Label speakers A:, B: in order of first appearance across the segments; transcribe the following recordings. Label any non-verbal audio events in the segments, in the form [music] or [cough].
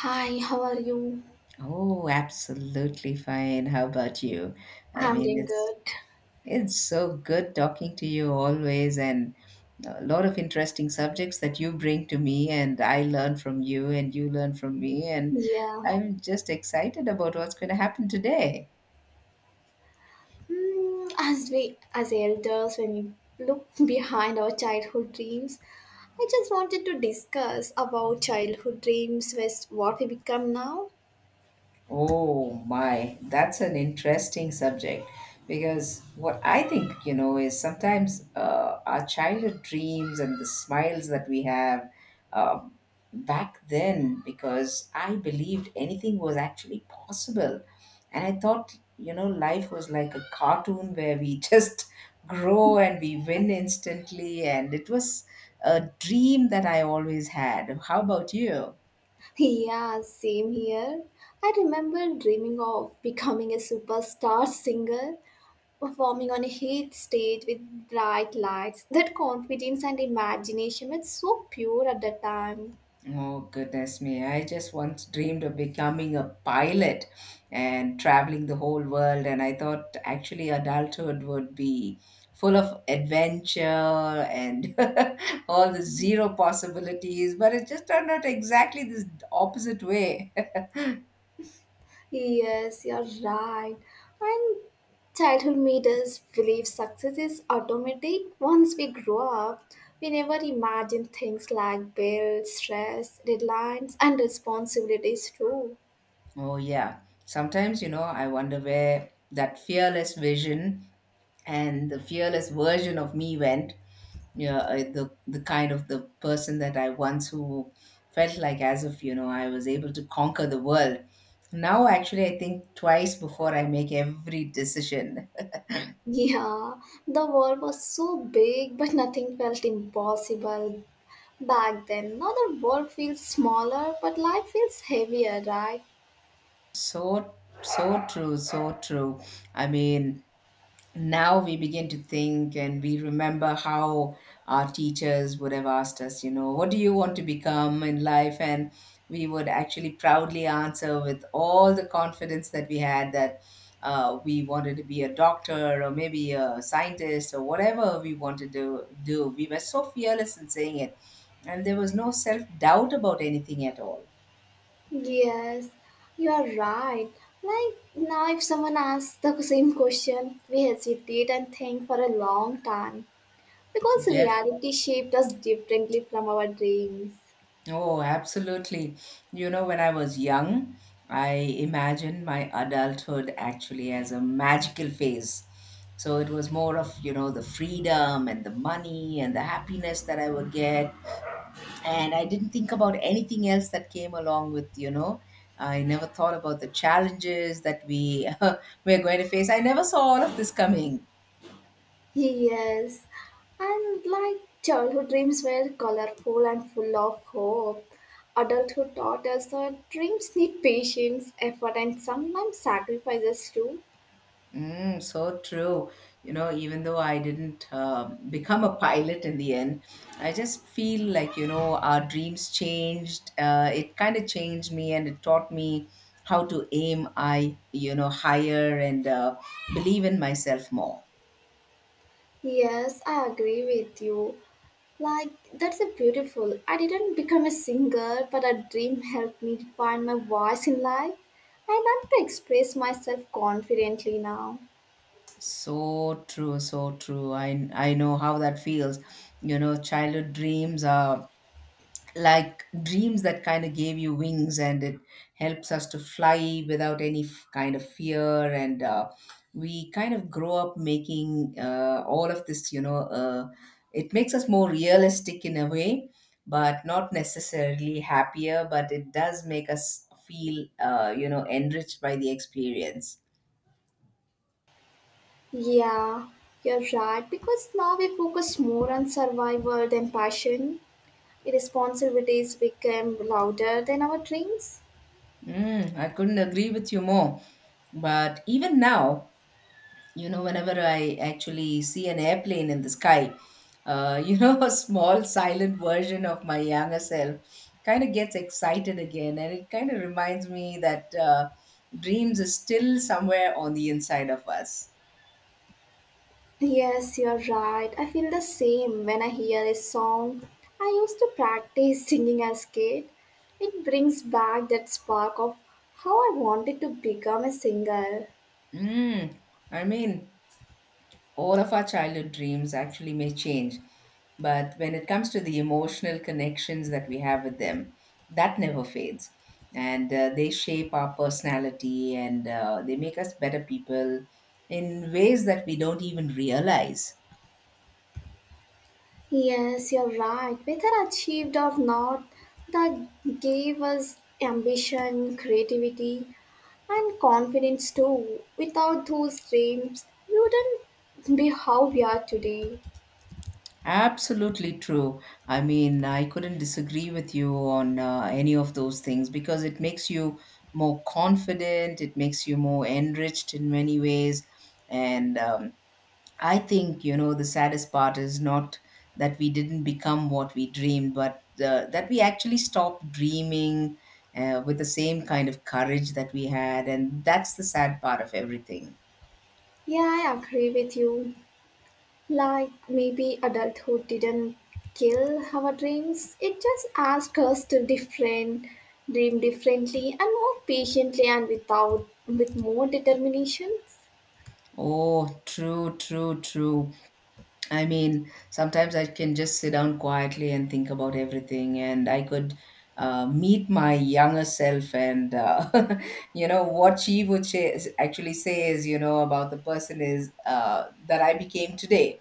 A: Hi, how are you?
B: Oh, absolutely fine. How about you? I
A: I'm
B: mean,
A: doing
B: it's
A: good.
B: it's so good talking to you always, and a lot of interesting subjects that you bring to me, and I learn from you, and you learn from me, and
A: Yeah.
B: I'm just excited about what's going to happen today.
A: As we, as elders, when we look [laughs] behind our childhood dreams, I just wanted to discuss about childhood dreams with what we become now.
B: Oh my, that's an interesting subject because what I think, you know, is sometimes our childhood dreams and the smiles that we have um, back then, because I believed anything was actually possible. And I thought, you know, life was like a cartoon where we [laughs] just grow and we win instantly. And it was a dream that I always had. How about you?
A: [laughs] Yeah, same here. I remember dreaming of becoming a superstar singer, performing on a huge stage with bright lights. That confidence and imagination were so pure at the time.
B: Oh, goodness me. I just once dreamed of becoming a pilot and traveling the whole world. And I thought actually adulthood would be full of adventure and [laughs] all the zero possibilities. But it just turned out exactly this opposite way. [laughs]
A: Yes, you're right. And childhood made us believe success is automatic. Once we grow up, we never imagine things like bills, stress, deadlines, and responsibilities too.
B: Oh, yeah. Sometimes, you know, I wonder where that fearless vision and the fearless version of me went. Yeah, I, the kind of the person that I once who felt like as if you know I was able to conquer the world. Now, actually, I think twice before I make every decision.
A: Yeah, the world was so big, but nothing felt impossible back then. Now the world feels smaller, but life feels heavier, right?
B: So so true, so true. I mean, now we begin to think and we remember how our teachers would have asked us, you know, what do you want to become in life? And we would actually proudly answer with all the confidence that we had that we wanted to be a doctor or maybe a scientist or whatever we wanted to do. We were so fearless in saying it, and there was no self doubt about anything at all.
A: Yes, you are right. Like now, if someone asks the same question, we hesitate and think for a long time because reality shaped us differently from our dreams.
B: Oh, absolutely. You know, when I was young, I imagined my adulthood actually as a magical phase. So it was more of, you know, the freedom and the money and the happiness that I would get. And I didn't think about anything else that came along with, you know, I never thought about the challenges that we [laughs] we're going to face. I never saw all of this coming.
A: Yes, and like childhood dreams were colorful and full of hope. Adulthood taught us that dreams need patience, effort, and sometimes sacrifices too.
B: Mm, so true. You know, even though I didn't become a pilot in the end, I just feel like, you know, our dreams changed. It kind of changed me and it taught me how to you know, higher and believe in myself more.
A: Yes, I agree with you. Like, that's a beautiful. I didn't become a singer, but a dream helped me find my voice in life. I learned to express myself confidently now.
B: So true, so true. I know how that feels. You know, childhood dreams are like dreams that kind of gave you wings and it helps us to fly without any kind of fear and we kind of grow up making all of this you know it makes us more realistic in a way but not necessarily happier, but it does make us feel you know, enriched by the experience.
A: Yeah, you're right, because now we focus more on survival than passion. Responsibilities became louder than our dreams.
B: Mm, I couldn't agree with you more, but even now, you know, whenever I actually see an airplane in the sky, you know, [laughs] a small silent version of my younger self kind of gets excited again and it kind of reminds me that dreams are still somewhere on the inside of us.
A: Yes, you're right. I feel the same when I hear a song. I used to practice singing as kid. It brings back that spark of how I wanted to become a singer.
B: Mm, I mean, all of our childhood dreams actually may change. But when it comes to the emotional connections that we have with them, that never fades. And they shape our personality and they make us better people in ways that we don't even realize.
A: Yes, you're right. Whether achieved or not, that gave us ambition, creativity, and confidence too. Without those dreams, we wouldn't be how we are today.
B: Absolutely true. I mean, I couldn't disagree with you on any of those things because it makes you more confident, it makes you more enriched in many ways, and I think, you know, the saddest part is not that we didn't become what we dreamed, but that we actually stopped dreaming with the same kind of courage that we had. And that's the sad part of everything.
A: Yeah, I agree with you. Like maybe adulthood didn't kill our dreams, it just asked us to different dream differently and more patiently and without with more determination.
B: Oh, true, true, true. I mean, sometimes I can just sit down quietly and think about everything, and I could meet my younger self, and [laughs] you know what she would actually say is, you know, about the person is that I became today.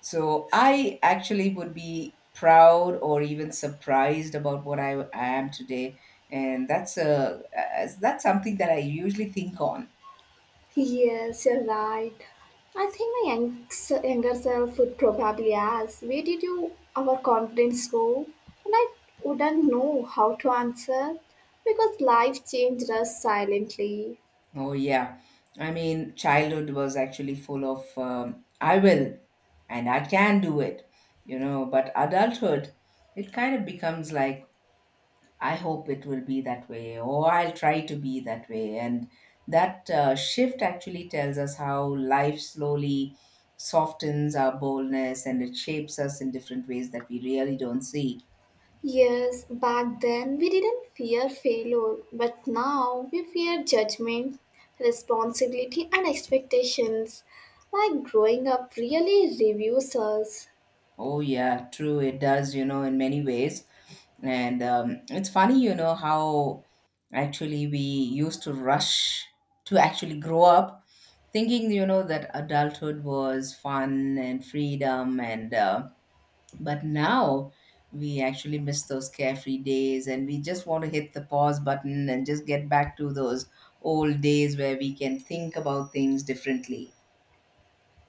B: So I actually would be proud or even surprised about what I am today, and that's something that I usually think on.
A: Yes, you're right. I think younger self would probably ask, where did you our confidence go? And I wouldn't know how to answer because life changed us silently.
B: Oh yeah, I mean, childhood was actually full of I will and I can do it, you know. But adulthood, it kind of becomes like I hope it will be that way, or I'll try to be that way. And that shift actually tells us how life slowly softens our boldness and it shapes us in different ways that we really don't see.
A: Yes, back then we didn't fear failure, but now we fear judgment, responsibility, and expectations. Like growing up really reviews us.
B: Oh, yeah, true, it does, you know, in many ways. And it's funny, you know, how actually we used to rush to actually grow up, thinking, you know, that adulthood was fun and freedom and but now we actually miss those carefree days and we just want to hit the pause button and just get back to those old days where we can think about things differently.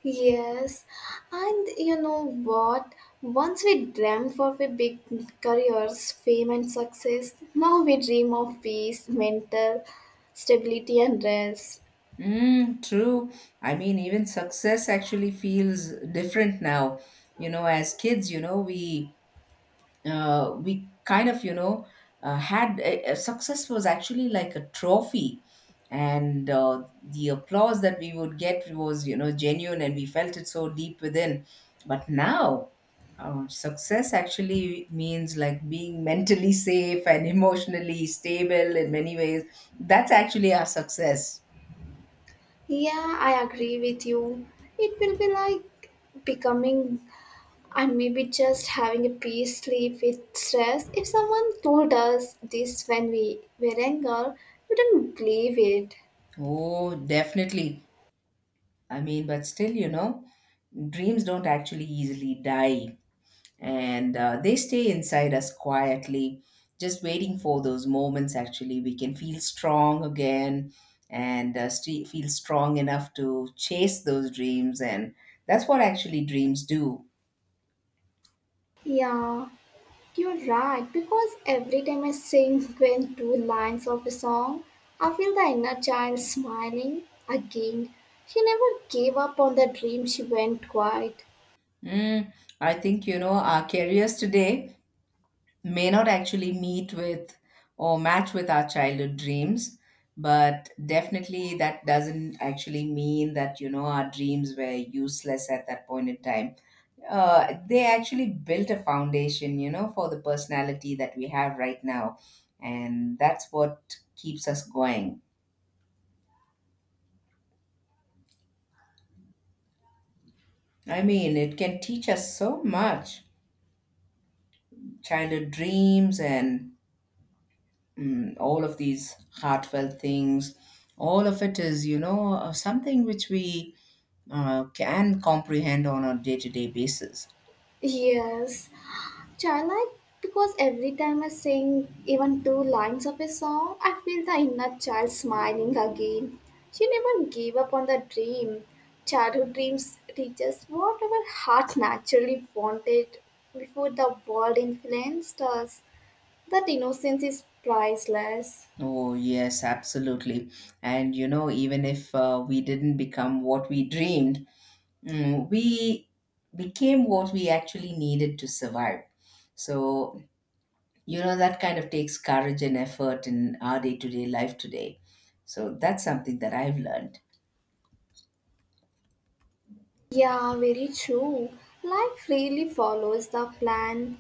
A: Yes, and you know what? Once we dreamt of a big careers, fame, and success, now we dream of peace, mental stability, and rest.
B: Mm, true. I mean, even success actually feels different now. You know, as kids, you know, we kind of you know had a success was actually like a trophy and the applause that we would get was, you know, genuine, and we felt it so deep within. But now success actually means like being mentally safe and emotionally stable in many ways. That's actually our success.
A: Yeah, I agree with you. It will be like becoming and maybe just having a peace sleep with stress. If someone told us this when we were younger, we didn't believe it.
B: Oh, definitely. I mean, but still, you know, dreams don't actually easily die, and they stay inside us quietly, just waiting for those moments actually we can feel strong again, and feel strong enough to chase those dreams, and that's what actually dreams do.
A: Yeah, you're right. Because every time I sing when two lines of a song, I feel the inner child smiling again. She never gave up on the dream. She went quiet.
B: Mm, I think, you know, our careers today may not actually meet with or match with our childhood dreams, but definitely that doesn't actually mean that, you know, our dreams were useless at that point in time. They actually built a foundation, you know, for the personality that we have right now. And that's what keeps us going. I mean, it can teach us so much, childhood dreams, and mm, all of these heartfelt things. All of it is, you know, something which we can comprehend on a day to day basis.
A: Yes. Childlike because every time I sing even two lines of a song, I feel the inner child smiling again. She never gave up on the dream. Childhood dreams teach us what our heart naturally wanted before the world influenced us. That innocence is priceless.
B: Oh, yes, absolutely. And, you know, even if we didn't become what we dreamed, mm, we became what we actually needed to survive. So, you know, that kind of takes courage and effort in our day to day life today. So, that's something that I've learned.
A: Yeah, very true. Life really follows the plan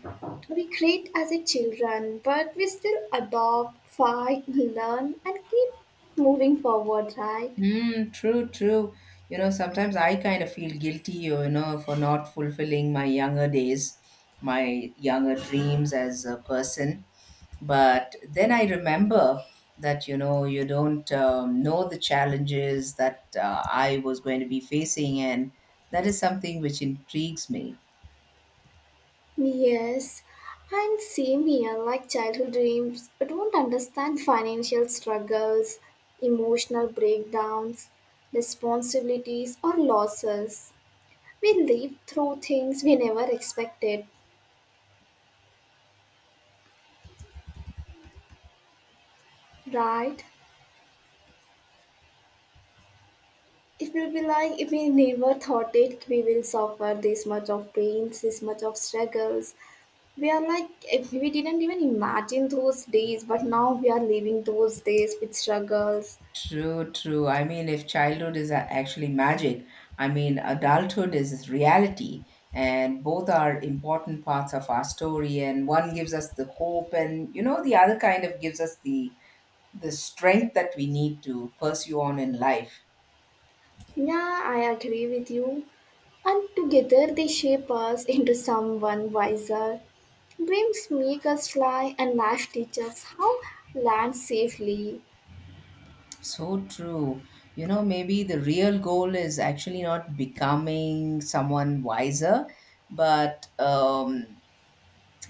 A: we create as a children, but we still adopt, fight, [laughs] learn, and keep moving forward, right?
B: Mm, true, true. You know, sometimes I kind of feel guilty, you know, for not fulfilling my younger days, my younger dreams as a person. But then I remember that, you know, you don't know the challenges that I was going to be facing. And that is something which intrigues me.
A: Yes, and same here, like childhood dreams, I don't understand financial struggles, emotional breakdowns, responsibilities, or losses. We live through things we never expected, right? It will be like if we never thought it, we will suffer this much of pains, this much of struggles. We are like, if we didn't even imagine those days, but now we are living those days with struggles.
B: True, true. I mean, if childhood is actually magic, I mean, adulthood is reality, and both are important parts of our story. And one gives us the hope, and, you know, the other kind of gives us the strength that we need to pursue on in life.
A: Yeah, I agree with you. And together they shape us into someone wiser. Dreams make us fly and life teaches how land safely.
B: So true. You know, maybe the real goal is actually not becoming someone wiser, but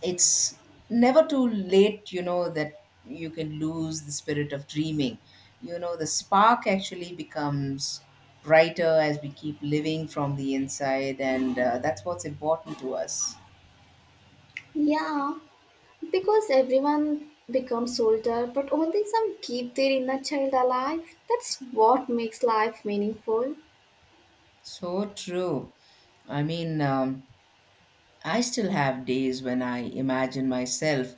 B: it's never too late, you know, that you can lose the spirit of dreaming. You know, the spark actually becomes brighter as we keep living from the inside, and that's what's important to us.
A: Yeah, because everyone becomes older, but only some keep their inner child alive. That's what makes life meaningful.
B: So true. I mean, I still have days when I imagine myself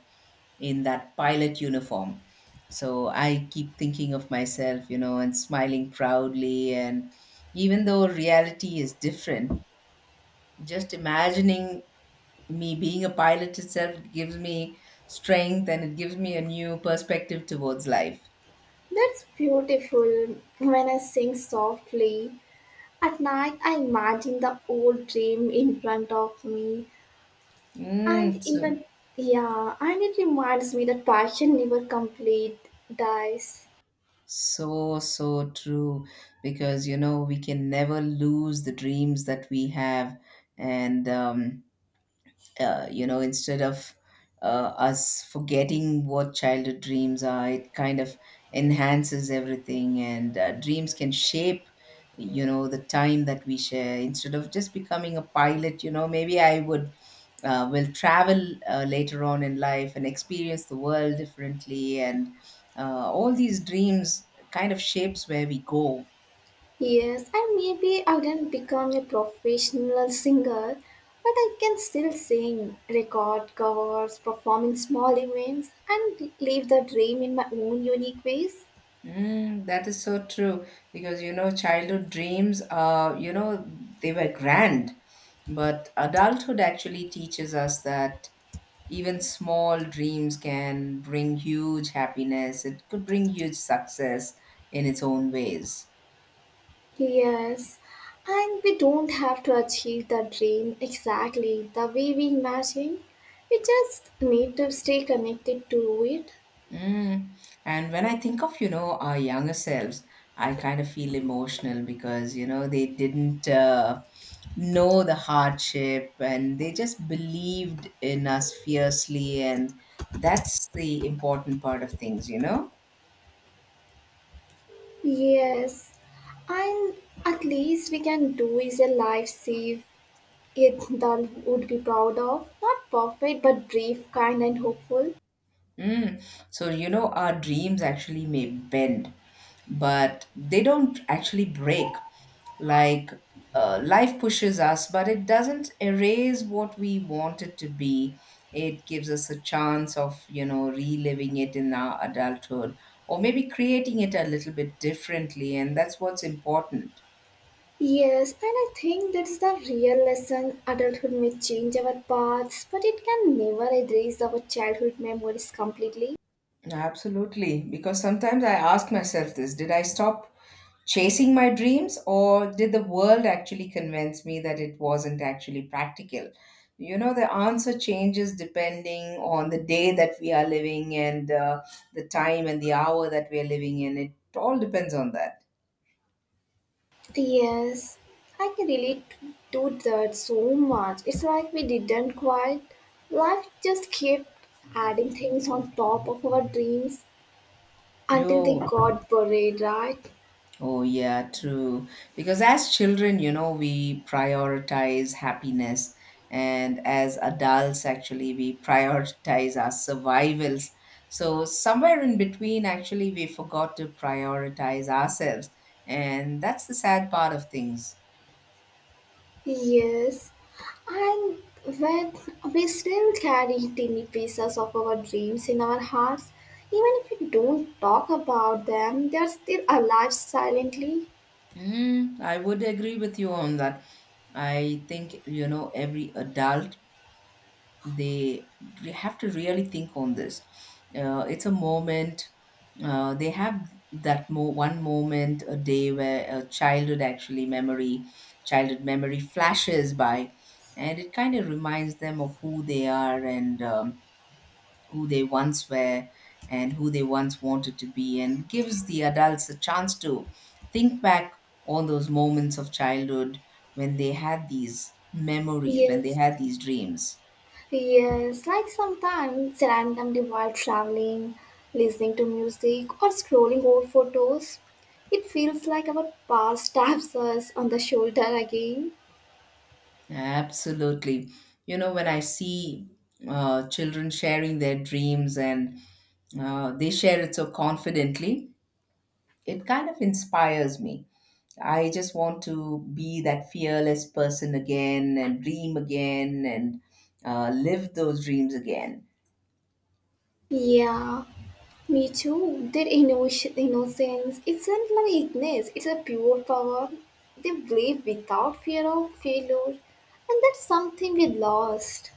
B: in that pilot uniform. So I keep thinking of myself, you know, and smiling proudly. And even though reality is different, just imagining me being a pilot itself gives me strength and it gives me a new perspective towards life.
A: That's beautiful. When I sing softly at night, I imagine the old dream in front of me, and
B: Mm, so,
A: even yeah, and it reminds me that passion never complete dies.
B: so, so true. Because, you know, we can never lose the dreams that we have. And, you know, instead of us forgetting what childhood dreams are, it kind of enhances everything, and dreams can shape, you know, the time that we share. Instead of just becoming a pilot, you know, maybe I would will travel later on in life and experience the world differently, and all these dreams kind of shapes where we go.
A: Yes, and maybe I didn't become a professional singer, but I can still sing, record covers, perform in small events, and live the dream in my own unique ways.
B: Mm, that is so true because, you know, childhood dreams are, you know, they were grand. But adulthood actually teaches us that even small dreams can bring huge happiness. It could bring huge success in its own ways.
A: Yes, and we don't have to achieve the dream exactly the way we imagine. We just need to stay connected to it.
B: Mm. And when I think of, you know, our younger selves, I kind of feel emotional because, you know, they didn't know the hardship and they just believed in us fiercely. And that's the important part of things, you know?
A: Yes, and at least we can do is a life save it that would be proud of. Not perfect, but brave, kind, and hopeful.
B: Mm. Our dreams actually may bend, but they don't actually break. Like, Life pushes us, but it doesn't erase what we want it to be. It gives us a chance of, reliving it in our adulthood or maybe creating it a little bit differently. And that's what's important.
A: Yes, and I think that's the real lesson. Adulthood may change our paths, but it can never erase our childhood memories completely.
B: Absolutely. Because sometimes I ask myself this, did I stop chasing my dreams or did the world actually convince me that it wasn't actually practical? You know, the answer changes depending on the day that we are living and the time and the hour that we are living in. It all depends on that.
A: Yes, I can relate to that so much. It's like we didn't quite. Life just kept adding things on top of our dreams until they
B: You
A: got buried, right?
B: Oh, yeah, true. Because as children, you know, we prioritize happiness. And as adults, actually, we prioritize our survivals. So, somewhere in between, actually, we forgot to prioritize ourselves. And that's the sad part of things.
A: Yes, and when we still carry tiny pieces of our dreams in our hearts, even if we don't talk about them, they are still alive silently.
B: Mm, I would agree with you on that. I think, you know, every adult, they have to really think on this. It's a moment they have that one moment a day where a childhood memory flashes by and it kind of reminds them of who they are, and who they once were and who they once wanted to be, and gives the adults a chance to think back on those moments of childhood when they had these memories, when they
A: Yes,
B: had these dreams.
A: yes, like sometimes randomly while traveling, listening to music, or scrolling old photos, it feels like our past [laughs] taps us on the shoulder again.
B: Absolutely. You know, when I see children sharing their dreams, and they share it so confidently, it kind of inspires me. I just want to be that fearless person again and dream again and live those dreams again.
A: Yeah, me too. Their innovation, innocence isn't like weakness, it's a pure power. They believe without fear of failure, and that's something we lost.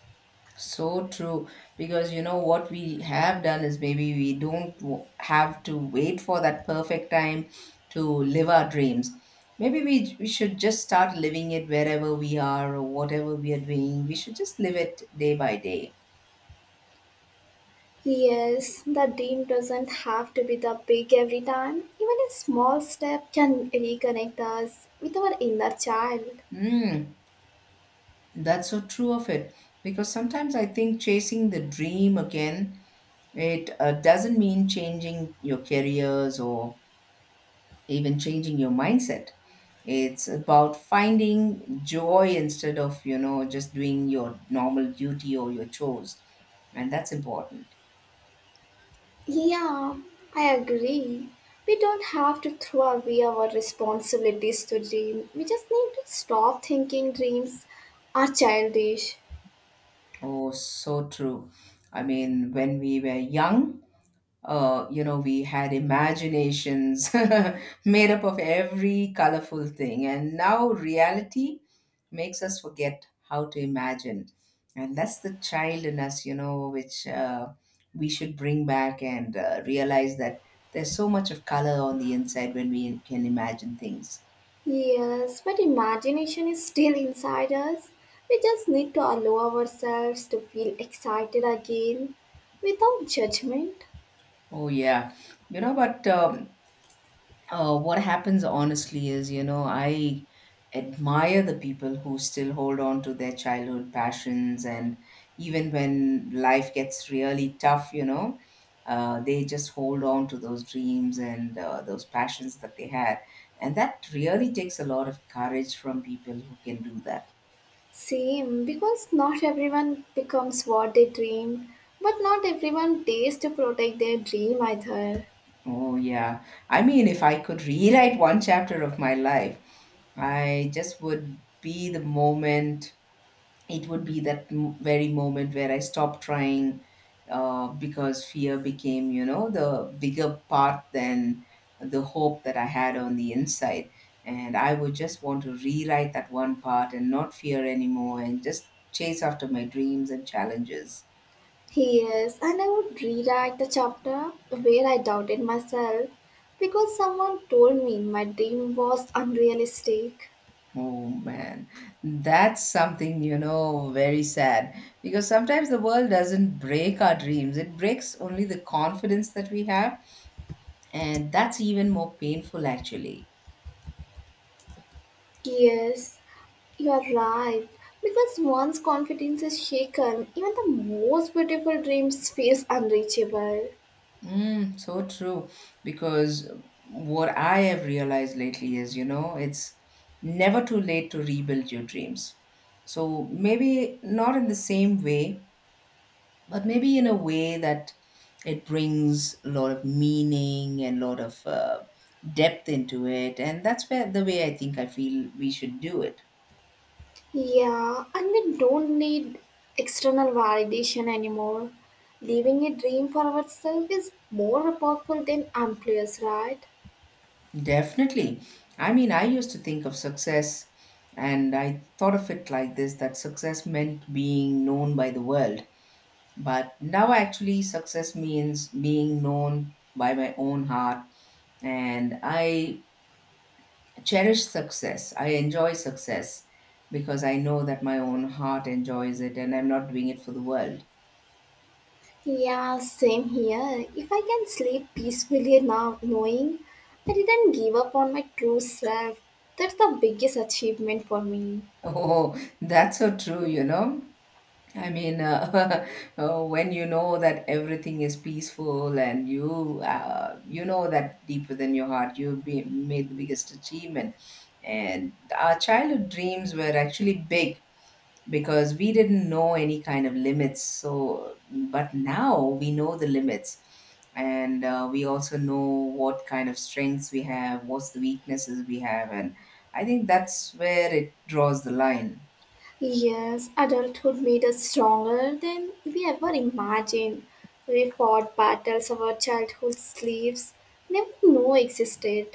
B: So true, because you know what we have done is maybe we don't have to wait for that perfect time to live our dreams. Maybe we should just start living it wherever we are or whatever we are doing. We should just live it day by day.
A: Yes, the dream doesn't have to be the big every time. Even a small step can reconnect us with our inner child.
B: Mm, that's so true of it, because sometimes I think chasing the dream again, it doesn't mean changing your careers or even changing your mindset. It's about finding joy instead of, you know, just doing your normal duty or your chores. And that's important.
A: Yeah, I agree. We don't have to throw away our responsibilities to dream. We just need to stop thinking dreams are childish.
B: Oh, so true. I mean, when we were young, we had imaginations [laughs] made up of every colorful thing. And now reality makes us forget how to imagine. And that's the child in us, you know, which we should bring back and realize that there's so much of color on the inside when we can imagine things.
A: Yes, but imagination is still inside us. We just need to allow ourselves to feel excited again without judgment.
B: Oh, yeah. You know, but What happens honestly is, you know, I admire the people who still hold on to their childhood passions, and even when life gets really tough, you know, they just hold on to those dreams and those passions that they had. And that really takes a lot of courage from people who can do that.
A: Same, because not everyone becomes what they dreamed, but not everyone dares to protect their dream either.
B: Oh, yeah. I mean, if I could [laughs] rewrite one chapter of my life, I just would be the moment it would be that very moment where I stopped trying because fear became, you know, the bigger part than the hope that I had on the inside. And I would just want to rewrite that one part and not fear anymore and just chase after my dreams and challenges.
A: Yes, and I would rewrite the chapter where I doubted myself because someone told me my dream was unrealistic.
B: Oh man, that's something, you know, very sad, because sometimes the world doesn't break our dreams, it breaks only the confidence that we have. And that's even more painful, actually.
A: Yes, you are right. Because once confidence is shaken, even the most beautiful dreams feels unreachable.
B: Mm, so true. Because what I have realized lately is, you know, it's never too late to rebuild your dreams. So maybe not in the same way, but maybe in a way that it brings a lot of meaning and a lot of depth into it. And that's where the way I think I feel we should do it.
A: Yeah, and we don't need external validation anymore. Living a dream for ourselves is more powerful than employers, right?
B: Definitely. I mean, I used to think of success, and I thought of it like this, that success meant being known by the world. But now, actually, success means being known by my own heart. And I cherish success. I enjoy success because I know that my own heart enjoys it and I'm not doing it for the world. [laughs]
A: Yeah, same here. If I can sleep peacefully now, knowing I didn't give up on my true self, that's the biggest achievement for me.
B: Oh, that's so true, you know. I mean, [laughs] when you know that everything is peaceful and you know that deep within your heart you've made the biggest achievement. And our childhood dreams were actually big because we didn't know any kind of limits, so but now we know the limits, and we also know what kind of strengths we have, what's the weaknesses we have, and I think that's where it draws the line.
A: Yes, adulthood made us stronger than we ever imagined. We fought battles our childhood sleeves never knew existed.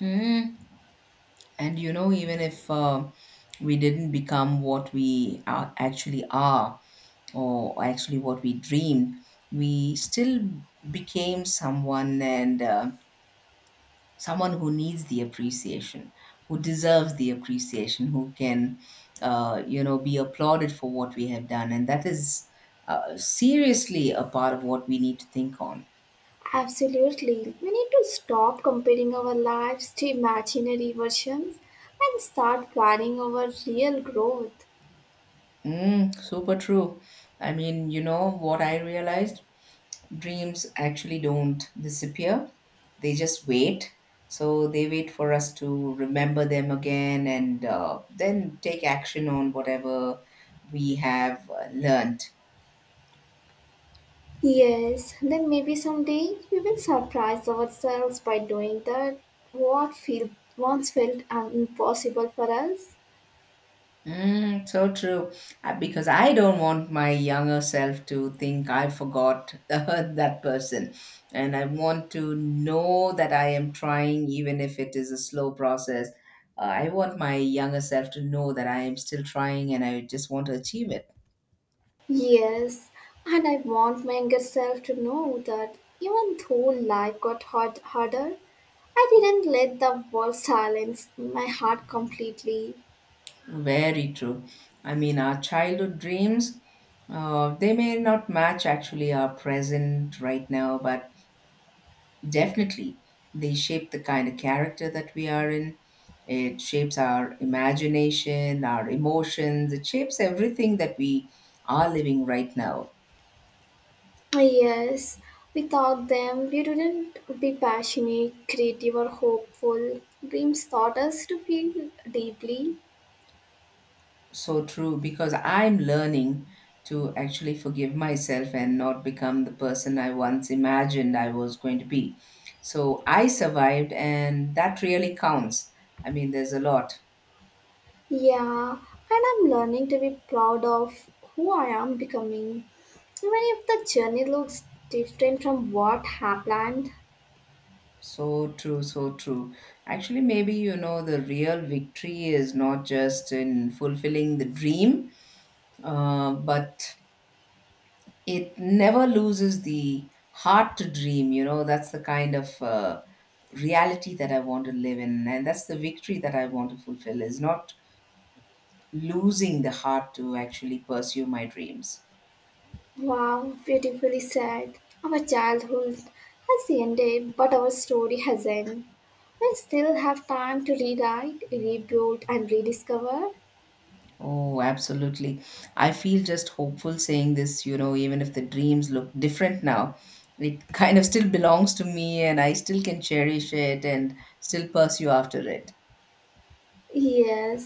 B: Mm, and you know, even if we didn't become what we are, actually are or actually what we dreamed, we still became someone, and someone who needs the appreciation, who deserves the appreciation, who can, you know, be applauded for what we have done. And that is seriously a part of what we need to think on.
A: Absolutely, we need to stop comparing our lives to imaginary versions and start planning our real growth.
B: Mm, super true. I mean, you know what I realized? Dreams actually don't disappear, they just wait. So they wait for us to remember them again and then take action on whatever we have learned.
A: Yes, then maybe someday we will surprise ourselves by doing what feel, once felt un- impossible for us.
B: Mm, so true. Because I don't want my younger self to think I forgot [laughs] that person. And I want to know that I am trying, even if it is a slow process. I want my younger self to know that I am still trying and I just want to achieve it.
A: Yes, and I want my younger self to know that even though life got harder, I didn't let the world silence my heart completely.
B: Very true. I mean, our childhood dreams, they may not match actually our present right now, but definitely, they shape the kind of character that we are in. It shapes our imagination, our emotions. It shapes everything that we are living right now.
A: Yes, without them, we wouldn't be passionate, creative, or hopeful. Dreams taught us to feel deeply.
B: So true, because I'm learning to actually forgive myself and not become the person I once imagined I was going to be. So I survived, and that really counts. I mean, there's a lot.
A: Yeah, and I'm learning to be proud of who I am becoming, even if the journey looks different from what I planned.
B: So true, so true. Actually, maybe, you know, the real victory is not just in fulfilling the dream, but it never loses the heart to dream. You know, that's the kind of reality that I want to live in, and that's the victory that I want to fulfill, is not losing the heart to actually pursue my dreams.
A: Wow, beautifully said. Our childhood has ended, but our story hasn't. We still have time to rewrite, rebuild, and rediscover.
B: Oh, absolutely. I feel just hopeful saying this, you know, even if the dreams look different now, it kind of still belongs to me and I still can cherish it and still pursue after it.
A: Yes,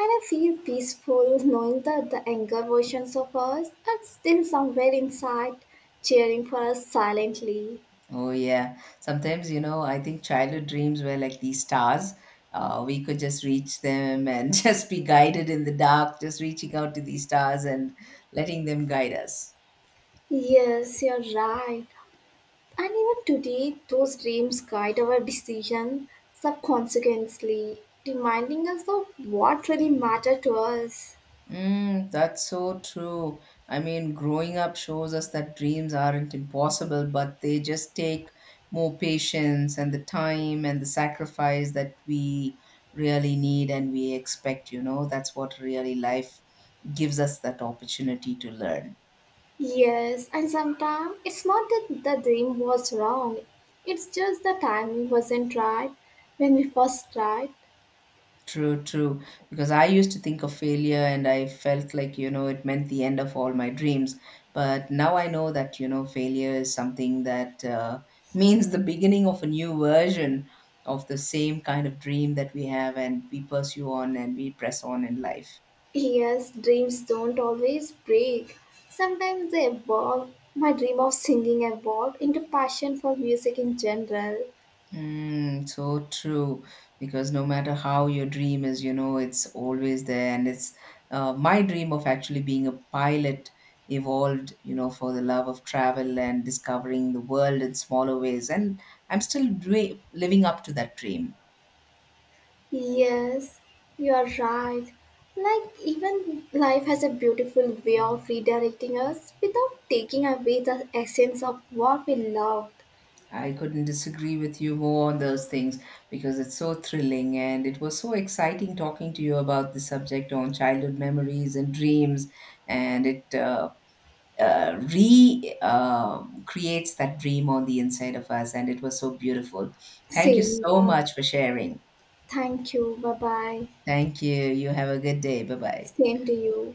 A: and I feel peaceful knowing that the younger versions of us are still somewhere inside, cheering for us silently.
B: Oh, yeah. Sometimes, you know, I think childhood dreams were like these stars. We could just reach them and [laughs] just be guided in the dark, just reaching out to these stars and letting them guide us.
A: Yes, you're right. And even today, those dreams guide our decision, subconsciously, reminding us of what really mattered to us.
B: Mm, that's so true. I mean, growing up shows us that dreams aren't impossible, but they just take more patience and the time and the sacrifice that we really need and we expect, you know. That's what really life gives us, that opportunity to learn.
A: Yes, and sometimes it's not that the dream was wrong, it's just the timing wasn't right when we first tried.
B: True, true. Because I used to think of failure and I felt like, you know, it meant the end of all my dreams. But now I know that, you know, failure is something that, [laughs] means the beginning of a new version of the same kind of dream that we have and we pursue on and we press on in life.
A: Yes, dreams don't always break. Sometimes they evolve. My dream of singing evolved into passion for music in general.
B: Mm, so true. Because no matter how your dream is, you know, it's always there. And it's my dream of actually being a pilot evolved, you know, for the love of travel and discovering the world in smaller ways. And I'm still living up to that dream.
A: Yes, you are right. Like, even life has a beautiful way of redirecting us without taking away the essence of what we loved.
B: I couldn't disagree with you more on those things because it's so thrilling and it was so exciting talking to you about the subject on childhood memories and dreams. And it re creates that dream on the inside of us. And it was so beautiful. Thank you
A: Same,
B: so
A: uh,
B: much for sharing.
A: Thank you. Bye bye.
B: Thank you. You have a good day. Bye bye.
A: Same to you.